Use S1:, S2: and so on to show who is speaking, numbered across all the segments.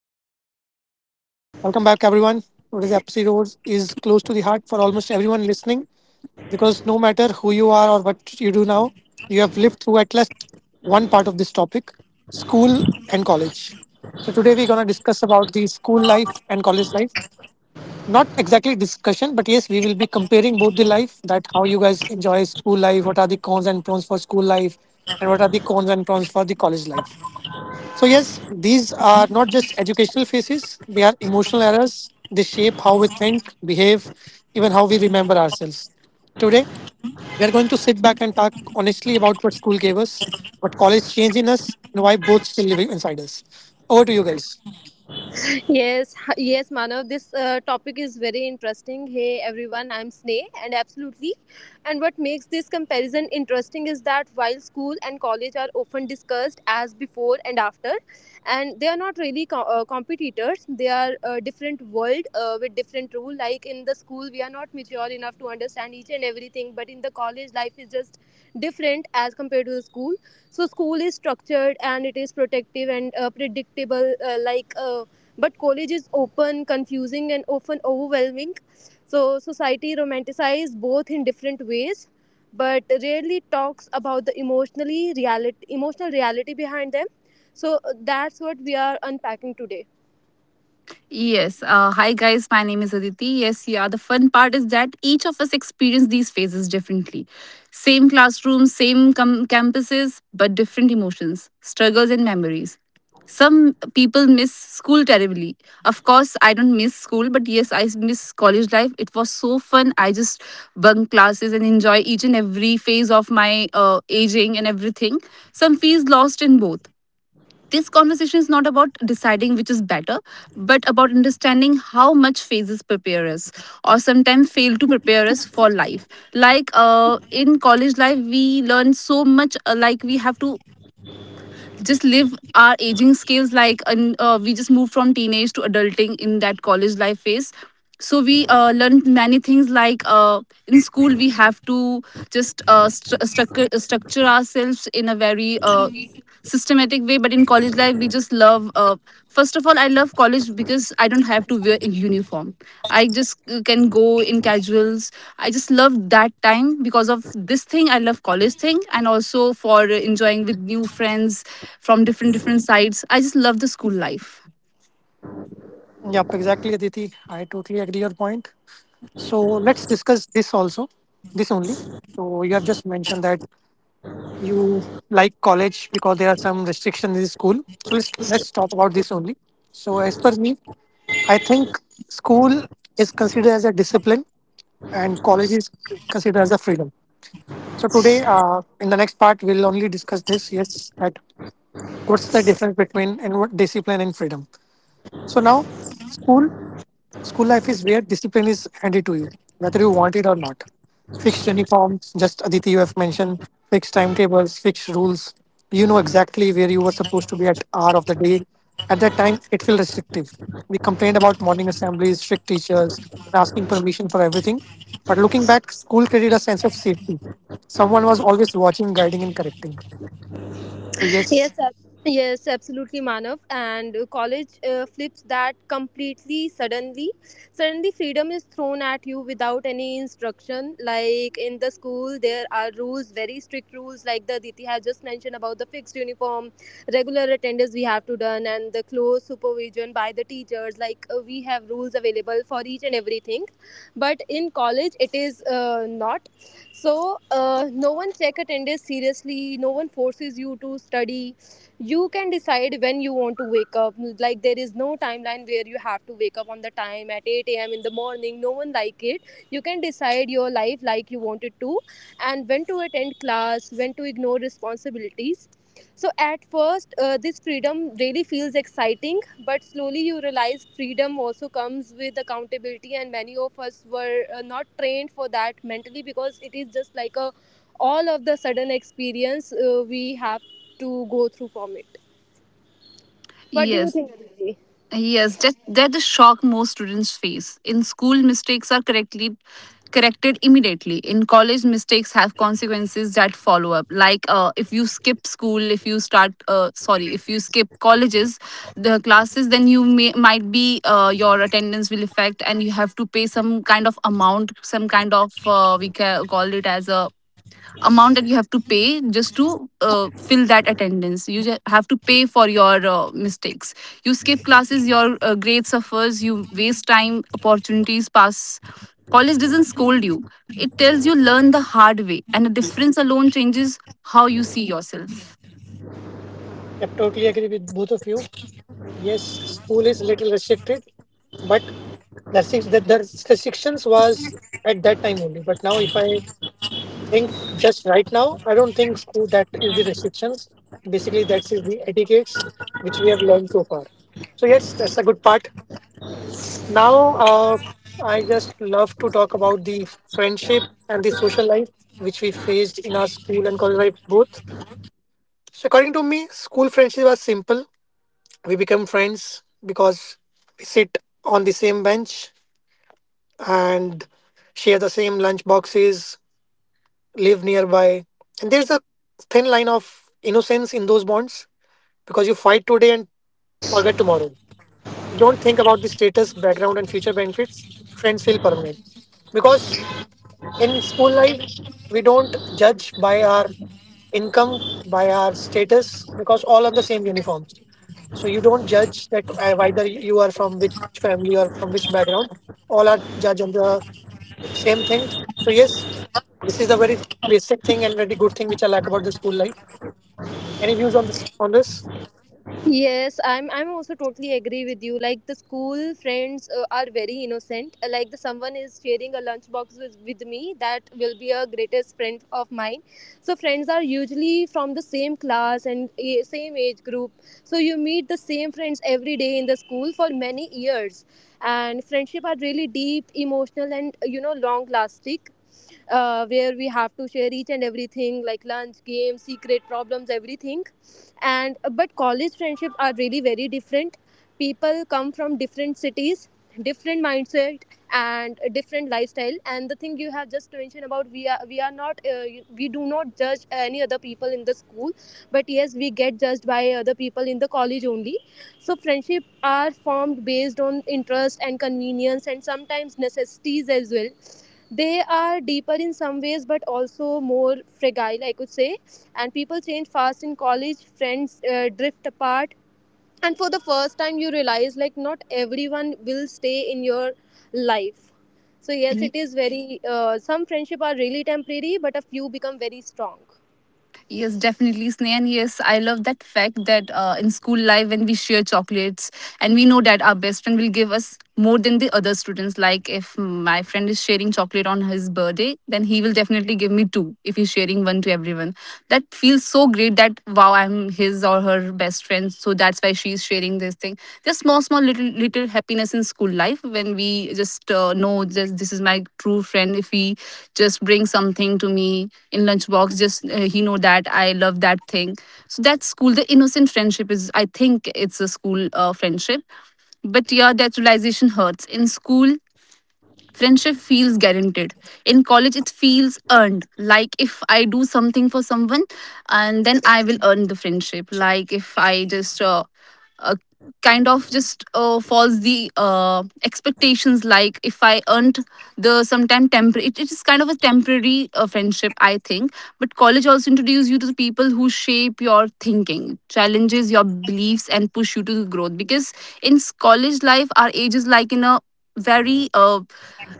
S1: Welcome
S2: good.
S1: back. Welcome back, everyone. Today's episode is close to the heart for almost everyone listening because no matter who you are or what you do now, you have lived through at least one part of this topic, school and college. So today we're going to discuss about the school life and college life. Not exactly discussion, but yes, we will be comparing both the life, that how you guys enjoy school life, what are the cons and pros for school life, and what are the cons and pros for the college life. So yes, these are not just educational phases, they are emotional errors. They shape how we think, behave, even how we remember ourselves. Today, we are going to sit back and talk honestly about what school gave us, what college changed in us, and why both still live inside us. Over to you guys.
S3: Yes, yes, Manav. This topic is very interesting. Hey, everyone, I'm Sneh, and absolutely. And what makes this comparison interesting is that while school and college are often discussed as before and after, and they are not really competitors. They are a different world with different rule. Like in the school, we are not mature enough to understand each and everything, but in the college, life is just different as compared to the school. So school is structured and it is protective and predictable but college is open, confusing, and often overwhelming. So society romanticizes both in different ways, but rarely talks about the emotional reality behind them. So that's what we are unpacking today.
S2: Yes. Hi, guys. My name is Aditi. Yes, yeah. The fun part is that each of us experience these phases differently. Same classrooms, campuses, but different emotions, struggles, and memories. Some people miss school terribly. Of course, I don't miss school, but yes, I miss college life. It was so fun. I just bunk classes and enjoy each and every phase of my aging and everything. Some feels lost in both. This conversation is not about deciding which is better, but about understanding how much phases prepare us or sometimes fail to prepare us for life. In college life, we learn so much, like we have to just live our aging scales, we just move from teenage to adulting in that college life phase. So we learn many things in school we have to just structure ourselves in a very systematic way, but in college life we just love first of all, I love college because I don't have to wear a uniform. I just can go in casuals. I just love that time because of this thing. I love college thing, and also for enjoying with new friends from different different sides. I just love the school life.
S1: Yep, exactly, Aditi. I totally agree your point. So let's discuss this also, this only. So you have just mentioned that you like college because there are some restrictions in school. So let's talk about this only. So as per me, I think school is considered as a discipline and college is considered as a freedom. So today, in the next part, we'll only discuss this. Yes, that what's the difference between and what discipline and freedom. So now, school life is where discipline is handed to you, whether you want it or not. Fixed uniforms, just Aditi, you have mentioned, fixed timetables, fixed rules. You know exactly where you were supposed to be at hour of the day. At that time, it felt restrictive. We complained about morning assemblies, strict teachers, and asking permission for everything. But looking back, school created a sense of safety. Someone was always watching, guiding, and correcting. So yes,
S3: Yes, ab- yes, absolutely, Manav. And college flips that completely suddenly. Suddenly, freedom is thrown at you without any instruction. Like in the school, there are rules, very strict rules, like the Aditi has just mentioned about the fixed uniform, regular attendance we have to done, and the close supervision by the teachers. Like we have rules available for each and everything. But in college, it is not so no one check attendance seriously, no one forces you to study, you can decide when you want to wake up. Like there is no timeline where you have to wake up on the time at 8 a.m in the morning, no one like it. You can decide your life like you wanted to, and when to attend class, when to ignore responsibilities. So at first, this freedom really feels exciting, but slowly you realize freedom also comes with accountability, and many of us were not trained for that mentally because it is just like a all of the sudden experience we have to go through from it. What do you
S2: Yes.
S3: think, Aditi?
S2: Yes, that that the shock most students face. In school, mistakes are correctly corrected immediately. In college, mistakes have consequences that follow up. If you skip school, if you skip colleges, the classes, then you may might be your attendance will affect, and you have to pay some kind of amount, some kind of we ca- call it as a amount that you have to pay just to fill that attendance. You have to pay for your mistakes. You skip classes, your grade suffers, you waste time, opportunities pass. College doesn't scold you, it tells you, learn the hard way, and the difference alone changes how you see yourself.
S1: I totally agree with both of you. Yes, school is little restricted, but that six that the restrictions was at that time only. But now if I think just right now, I don't think school that is the restrictions. Basically that's is the etiquettes which we have learned so far. So yes, that's a good part. Now I just love to talk about the friendship and the social life which we faced in our school and college life both. So according to me, school friendship was simple. We become friends because we sit on the same bench and share the same lunch boxes, live nearby. And there's a thin line of innocence in those bonds because you fight today and forget tomorrow. You don't think about the status, background, and future benefits. Friends feel permanent. Because in school life, we don't judge by our income, by our status, because all are the same uniforms. So you don't judge that whether you are from which family or from which background. All are judged on the same thing. So yes, this is a very basic thing and very good thing which I like about the school life. Any views on this? On this?
S3: I'm also totally agree with you. Like the school friends are very innocent. Like the someone is sharing a lunchbox with me, that will be a greatest friend of mine. So friends are usually from the same class and same age group. So you meet the same friends every day in the school for many years, and friendship are really deep, emotional, and you know long lasting where we have to share each and everything like lunch, games, secret, problems, everything. And but college friendships are really very different. People come from different cities, different mindset, and a different lifestyle. And the thing you have just mentioned about, we are not we do not judge any other people in the school, but yes, we get judged by other people in the college only. So friendship are formed based on interest and convenience, and sometimes necessities as well. They are deeper in some ways, but also more fragile, I could say. And people change fast in college, friends drift apart. And for the first time, you realize like not everyone will stay in your life. So, yes, it is very, some friendship are really temporary, but a few become very strong.
S2: Yes, definitely, Sneha. And yes, I love that fact that in school life, when we share chocolates and we know that our best friend will give us more than the other students. Like, if my friend is sharing chocolate on his birthday, then he will definitely give me two if he's sharing one to everyone. That feels so great that, wow, I'm his or her best friend. So that's why she's sharing this thing. Just small, small, little, little, happiness in school life when we just know just this is my true friend if he just brings something to me in lunchbox. Just He know that I love that thing. So that's school, the innocent friendship is, I think it's a school friendship. But yeah, that realization hurts in school. Friendship feels guaranteed. In college, it feels earned. Like if I do something for someone, and then I will earn the friendship. Like if I just uh, kind of just falls the expectations. Like if I earned the sometime temporary, it is kind of a temporary friendship, I think. But college also introduces you to the people who shape your thinking, challenges your beliefs, and push you to growth. Because in college life, our age is like in a very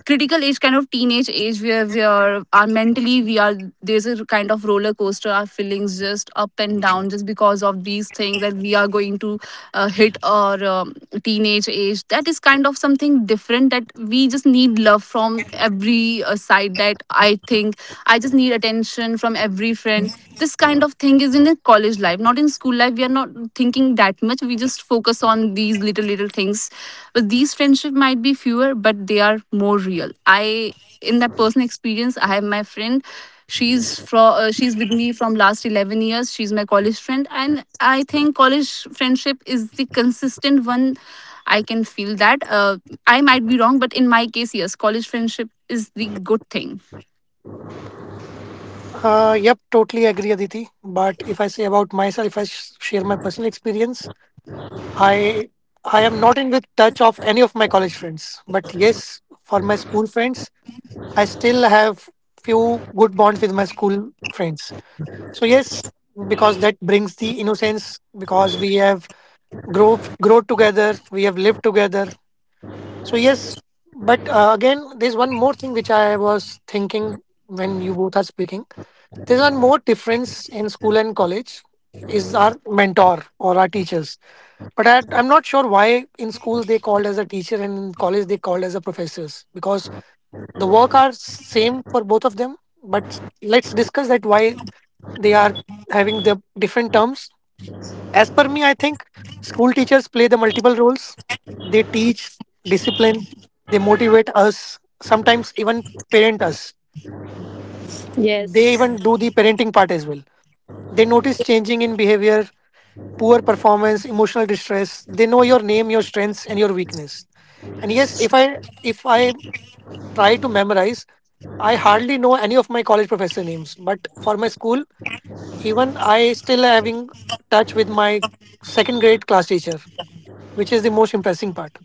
S2: critical age, kind of teenage age, where we are mentally we are, there's a kind of roller coaster, our feelings just up and down just because of these things that we are going to hit our teenage age. That is kind of something different, that we just need love from every side. That I think I just need attention from every friend. This kind of thing is in the college life, not in school life. We are not thinking that much, we just focus on these little little things. But these friendship might be fewer, but they are more real. I in that personal experience, I have my friend, she's with me from last 11 years. She's my college friend, and I think college friendship is the consistent one. I can feel that. I might be wrong, but in my case, yes, college friendship is the good thing.
S1: Yep, totally agree, Aditi. But if I say about myself, if I share my personal experience, I I am not in with touch of any of my college friends. But yes, for my school friends, I still have few good bonds with my school friends. So yes, because that brings the innocence because we have grow together, we have lived together. So yes, but again, there's one more thing which I was thinking when you both are speaking. There's one more difference in school and college is our mentor or our teachers. But I'm not sure why in school they called as a teacher and in college they called as a professors because the work are same for both of them. But let's discuss that why they are having the different terms. As per me, I think school teachers play the multiple roles. They teach discipline, they motivate us, sometimes even parent us. They
S3: Yes.
S1: even do the parenting part as well. They notice changing in behavior, poor performance, emotional distress. They know your name, your strengths, and your weakness. And yes, if I try to memorize, I hardly know any of my college professor names. But for my school, even I still having touch with my second grade class teacher, which is the most impressive part.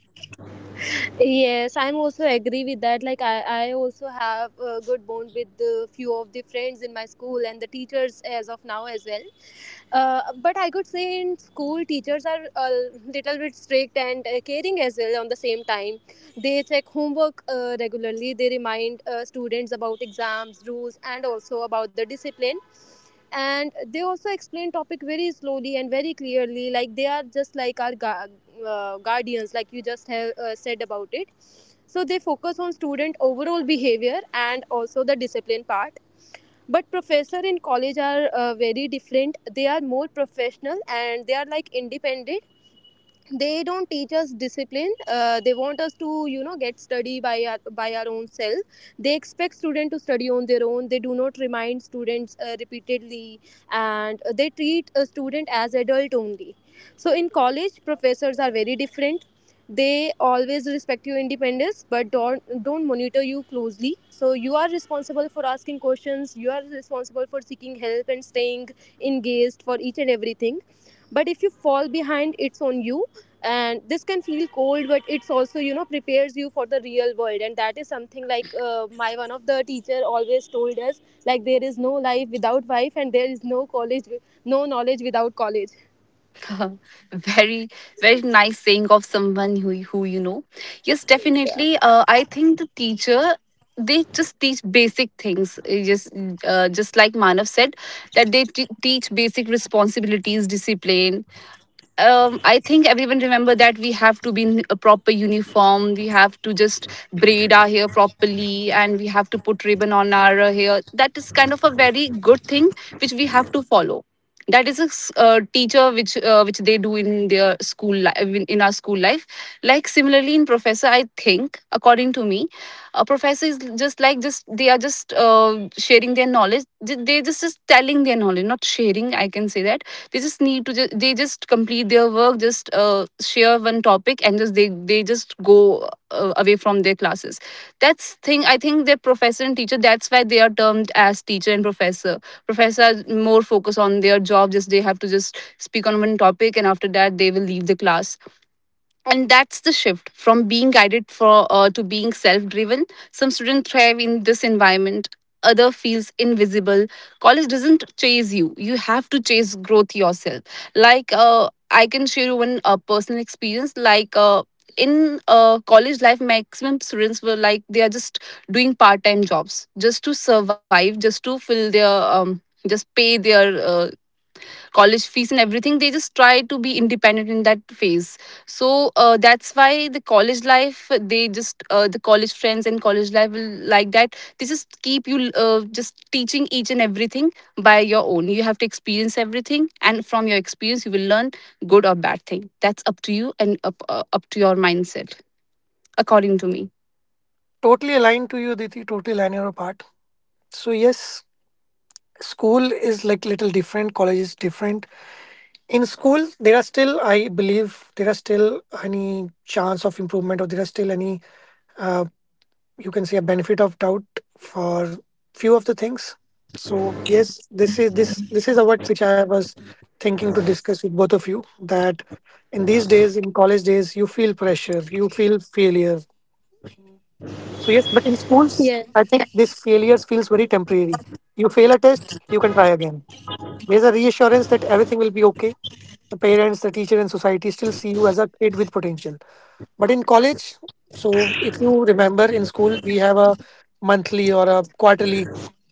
S3: Yes, I'm also agree with that. Like I also have a good bond with the few of the friends in my school and the teachers as of now as well. But I could say in school teachers are a little bit strict and caring as well. On the same time, they check homework regularly. They remind students about exams, rules, and also about the discipline, and they also explain topic very slowly and very clearly, like they are just like our guardians, like you just have said about it. So they focus on student overall behavior and also the discipline part. But professor in college are very different. They are more professional and they are like independent. They don't teach us discipline, they want us to, you know, get study by by our own self. They expect student to study on their own, they do not remind students repeatedly, and they treat a student as adult only. So in college, professors are very different. They always respect your independence but don't monitor you closely. So you are responsible for asking questions, you are responsible for seeking help and staying engaged for each and everything. But if you fall behind, it's on you. And this can feel cold, but it's also, you know, prepares you for the real world. And that is something like my one of the teacher always told us, like there is no life without wife, and there is no college, no knowledge without college.
S2: Very, very nice saying of someone who you know. Yes, definitely. I think the teacher, they just teach basic things, just like Manav said, that they teach basic responsibilities, discipline. I think everyone remember that we have to be in a proper uniform. We have to just braid our hair properly, and we have to put ribbon on our hair. That is kind of a very good thing which we have to follow. That is a teacher which they do in their school life, in our school life. Like similarly in professor, I think, according to me, a professor is just like, just they are just sharing their knowledge. They just telling their knowledge, not sharing, I can say that. They just need to just they just complete their work, just share one topic, and just they just go away from their classes. That's thing, I think their professor and teacher, that's why they are termed as teacher and professor. Professor are more focus on their job, just they have to just speak on one topic, and after that they will leave the class. And that's the shift from being guided for to being self-driven. Some students thrive in this environment, other feels invisible. College doesn't chase you, you have to chase growth yourself. I can share you one personal experience, like in college life, maximum students were like they are just doing part-time jobs, just to survive, just to fill their just pay their uh, college fees and everything. They just try to be independent in that phase. So that's why the college life, they just the college friends and college life will like that, they just keep you just teaching each and everything. By your own, you have to experience everything, and from your experience you will learn good or bad thing. That's up to you and up to your mindset, according to me.
S1: Totally aligned to you, Diti, totally aligned your part. So yes, school is like little different, college is different. In school, there are still, I believe, there are still any chance of improvement or there are still any, uh, you can say, a benefit of doubt for few of the things. So yes, this is a what which I was thinking to discuss with both of you, that in these days, in college days, you feel pressure, you feel failure. So yes, but in
S3: Yes.
S1: schools I think this failures feels very temporary. You fail a test, you can try again. There's a reassurance that everything will be okay. The parents, the teacher, and society still see you as a kid with potential. But in college, so if you remember in school, we have a monthly or a quarterly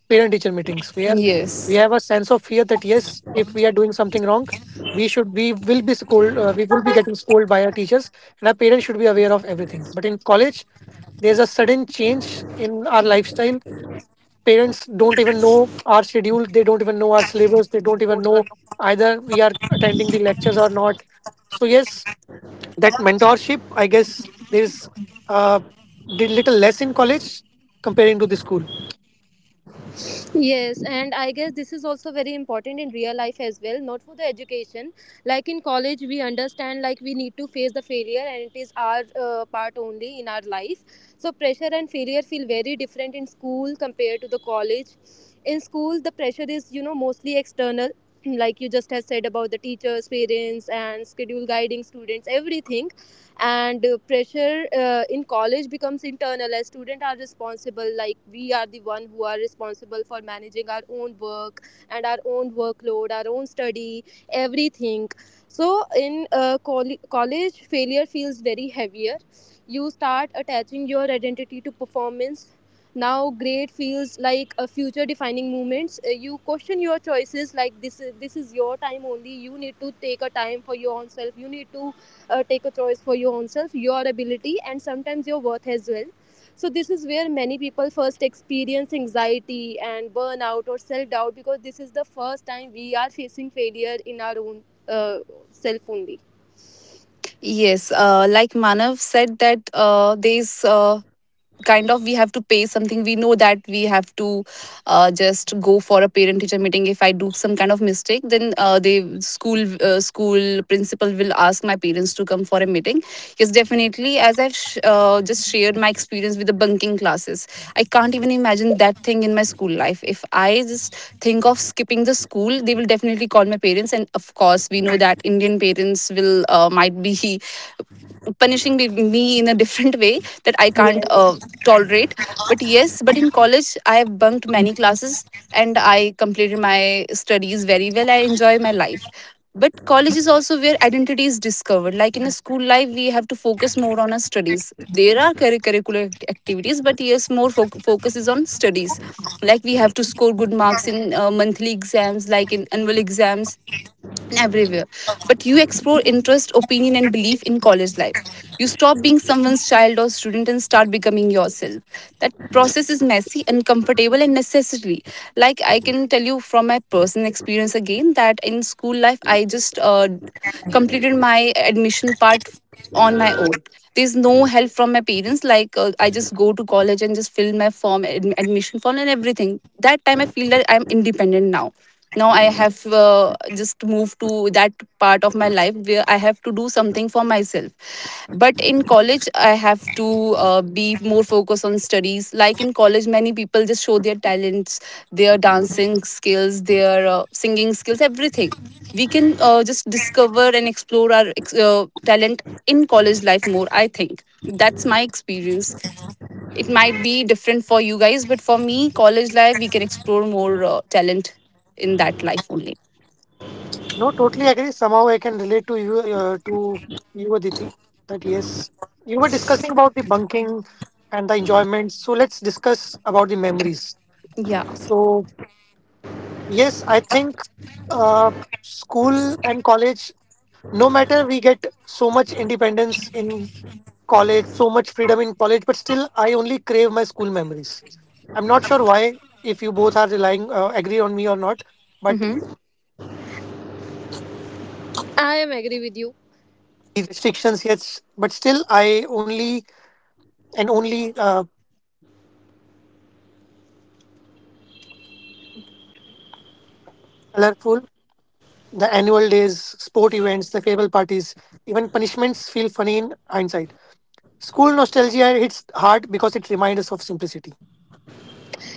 S1: parent teacher meetings where we
S2: Yes.
S1: have a sense of fear that yes, if we are doing something wrong, we will be scolded, we will be getting scolded by our teachers, and our parents should be aware of everything. But in college, there's a sudden change in our lifestyle. Parents don't even know our schedule, they don't even know our syllabus, they don't even know either we are attending the lectures or not. So yes, that mentorship I guess there's uh did little less in college comparing to the school.
S3: Yes, and I guess this is also very important in real life as well, not for the education. Like in college, we understand like we need to face the failure, and it is our part only in our life. So pressure and failure feel very different in school compared to the college. In school, the pressure is, you know, mostly external like you just have said about the teachers, parents, and schedule guiding students, everything. And pressure in college becomes internal, as students are responsible, like we are the one who are responsible for managing our own work and our own workload, our own study, everything. So in college, failure feels very heavier. You start attaching your identity to performance. Now great feels like a future defining moments. You question your choices, like this is your time only. You need to take a time for your own self, you need to take a choice for your own self, your ability, and sometimes your worth as well. So this is where many people first experience anxiety and burnout or self doubt, because this is the first time we are facing failure in our own uh, self only.
S2: Yes, like Manav said that there's kind of we have to pay something. We know that we have to just go for a parent teacher meeting. If I do some kind of mistake, then the school school principal will ask my parents to come for a meeting. Yes, definitely, as I've just shared my experience with the bunking classes. I can't even imagine that thing in my school life. If I just think of skipping the school, they will definitely call my parents, and of course we know that Indian parents will might be punishing me in a different way that I can't
S3: Yes,
S2: tolerate. But yes, but in college, I have bunked many classes and I completed my studies very well. I enjoy my life. But college is also where identity is discovered. Like in a school life, we have to focus more on our studies. There are curricular activities, but yes, more focus is on studies. Like we have to score good marks in monthly exams, like in annual exams everywhere. But you explore interest, opinion, and belief in college life. You stop being someone's child or student and start becoming yourself. That process is messy, uncomfortable, and necessary. Like I can tell you from my personal experience again that in school life, I just completed my admission part on my own. There's no help from my parents. I just go to college and just fill my form, admission form and everything. That time I feel that I'm independent now. Now I have just moved to that part of my life where I have to do something for myself. But in college I have to be more focused on studies. Like in college many people just show their talents, their dancing skills, their singing skills, everything. We can just discover and explore our talent in college life more, I think. That's my experience. It might be different for you guys, but for me, college life, we can explore more talent in that life only.
S1: No, totally agree. Somehow I can relate to you, to you, Aditi, that yes, you were discussing about the bunking and the enjoyment, so let's discuss about the memories.
S2: Yeah.
S1: So yes, I think uh school and college, no matter we get so much independence in college, so much freedom in college, but still I only crave my school memories. I'm not sure why, if you both are relying, agree on me or not, but
S2: Hmm.
S3: I am agree with you.
S1: restrictions yes, but still I only and only, colorful. The annual days, sport events, the farewell parties, punishments feel funny in hindsight. School nostalgia hits hard because it reminds us of simplicity.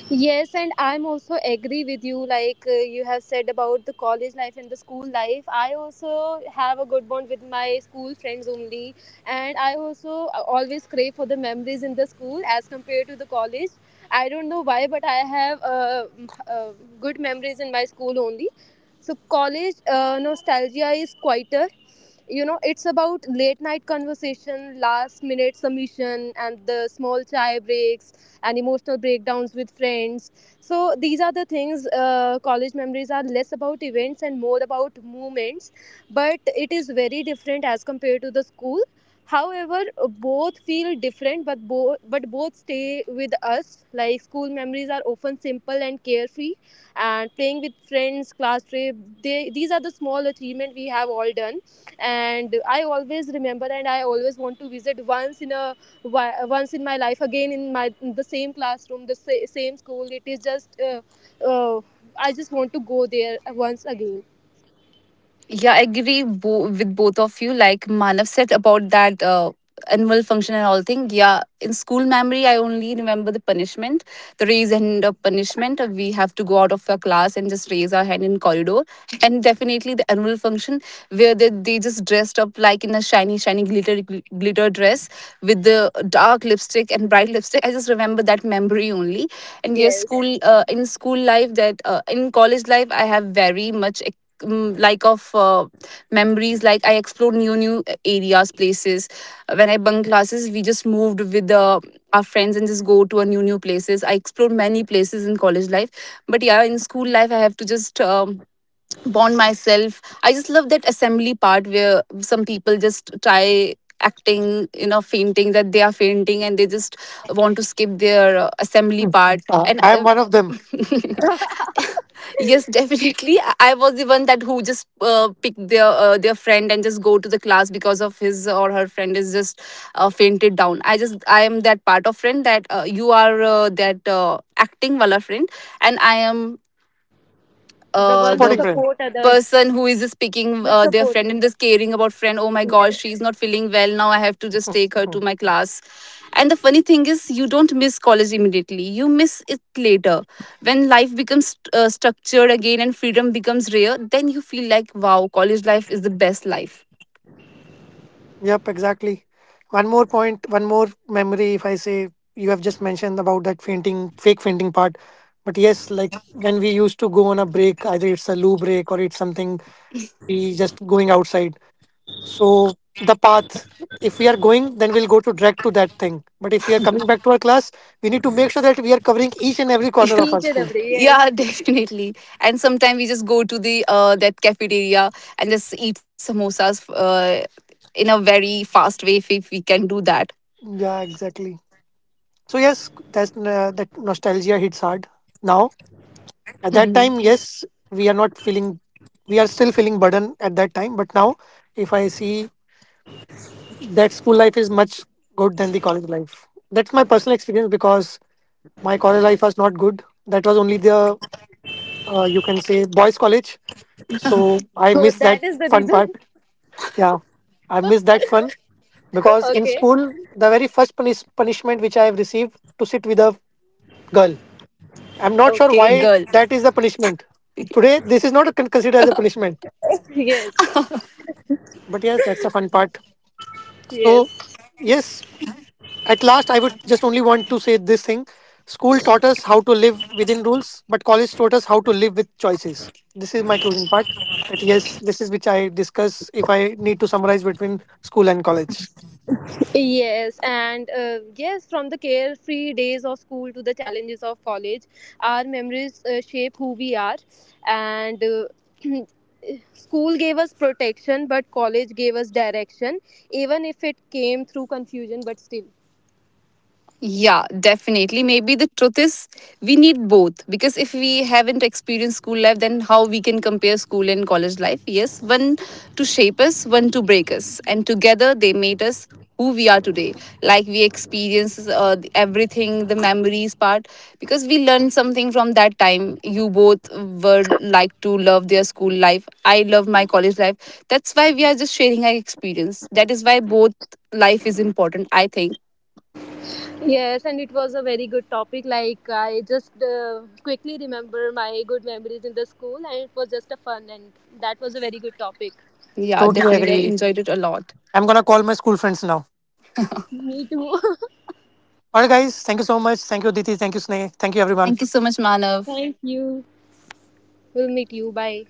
S3: Yes, and I'm also agree with you. Like you have said about the college life and the school life, I also have a good bond with my school friends only, and I also always crave for the memories in the school as compared to the college. I don't know why, but I have good memories in my school only. So college nostalgia is quieter. You know, it's about late night conversation, last minute submission, and the small chai breaks and emotional breakdowns with friends. So these are the things. College memories are less about events and more about moments, but it is very different as compared to the school. However, both feel different, but both stay with us. Like school memories are often simple and carefree, and playing with friends, class trip. These are the small achievement we have all done, and I always remember, and I always want to visit once in my life again in my in the same classroom the sa- same school. It is just uh, I just want to go there once again.
S2: Yeah, I agree with both of you. Like Manav said about that annual function and all thing. Yeah, in school memory, I only remember the punishment, the raise hand of punishment. We have to go out of our class and just raise our hand in corridor. And definitely the annual function where they just dressed up like in a shiny, shiny, glitter dress with the dark lipstick and bright lipstick. I just remember that memory only. And yes,
S3: Yes,
S2: school in school life that in college life I have very much, mm, like of memories, like I explored new new areas, places. When I bunk classes, we just moved with our friends and just go to a new new places. I explored many places in college life. But yeah, in school life I have to just bond myself. I just love that assembly part where some people just try acting, you know, fainting, that they are fainting and they just want to skip their assembly part and
S1: I am one of them,
S2: Yes, definitely. I was the one that who just picked their friend and just go to the class because of his or her friend is just fainted down. I am that part of friend that you are that acting wala friend, and I am
S3: the one who
S2: the
S1: supporting friend.
S3: support others.
S2: person who is speaking
S3: And
S2: their friend
S3: supporting.
S2: and just caring about friend, oh my gosh,
S3: Yes.
S2: she's not feeling well, now I have to just take her to my class. And the funny thing is you don't miss college immediately, you miss it later. When life becomes structured again and freedom becomes rare, then you feel like, wow, college life is the best life.
S1: yep, exactly. One more point, one more memory. If I say you have just mentioned about that fainting, fake fainting part, but yes, like when we used to go on a break, either it's a loo break or it's something, we just going outside. So the path, if we are going, then we'll go to direct to that thing. But if we are coming back to our class, we need to make sure that we are covering each and every corner
S2: Yeah,
S1: of our
S3: Each and
S1: school.
S3: every,
S2: yeah,
S3: yes.
S2: definitely. And sometimes we just go to the that cafeteria and just eat samosas in a very fast way, if we can do that.
S1: Yeah, exactly. So yes, that's that nostalgia hits hard now. At that time, yes, we are not feeling we are still feeling burden at that time. But now, if I see that school life is much good than the college life. That's my personal experience because my college life was not good. That was only the, you can say, boys' college. So I
S3: So
S1: miss
S3: that
S1: that
S3: is the
S1: fun
S3: reason.
S1: part. Yeah, I miss that fun because in
S3: Okay.
S1: school, the very first punishment which I have received, to sit with a girl.
S2: Girl.
S1: I'm not sure
S3: Okay.
S1: why that is the punishment. Today, this is not considered as a punishment.
S3: Yes.
S1: But yes, that's the fun part. So
S3: Yes.
S1: yes, at last, I would just only want to say this thing. School taught us how to live within rules, but college taught us how to live with choices. This is my closing part. That yes, this is which I discuss if I need to summarize between school and college.
S3: yes and Yes, from the carefree days of school to the challenges of college, our memories shape who we are. And School gave us protection, but college gave us direction, even if it came through confusion, but still.
S2: Yeah, definitely. Maybe the truth is we need both, because if we haven't experienced school life, then how we can compare school and college life? Yes, one to shape us, one to break us, and together they made us who we are today. Like we experience everything, the memories part, because we learned something from that time. You both were like to love their school life. I love my college life. That's why we are just sharing our experience. That is why both life is important, I think.
S3: Yes, and it was a very good topic. Like, I just quickly remember my good memories in the school, and it was just a fun, and that was a very good topic.
S2: Yeah,
S1: Totally
S2: definitely. I
S1: agree.
S2: enjoyed it a lot.
S1: I'm gonna call my school friends now.
S3: Me too.
S1: All right, guys. Thank you so much. Thank you, Aditi. Thank you, Sneh. Thank you, everyone.
S2: Thank you so much, Manav.
S3: Thank you. We'll meet you. Bye.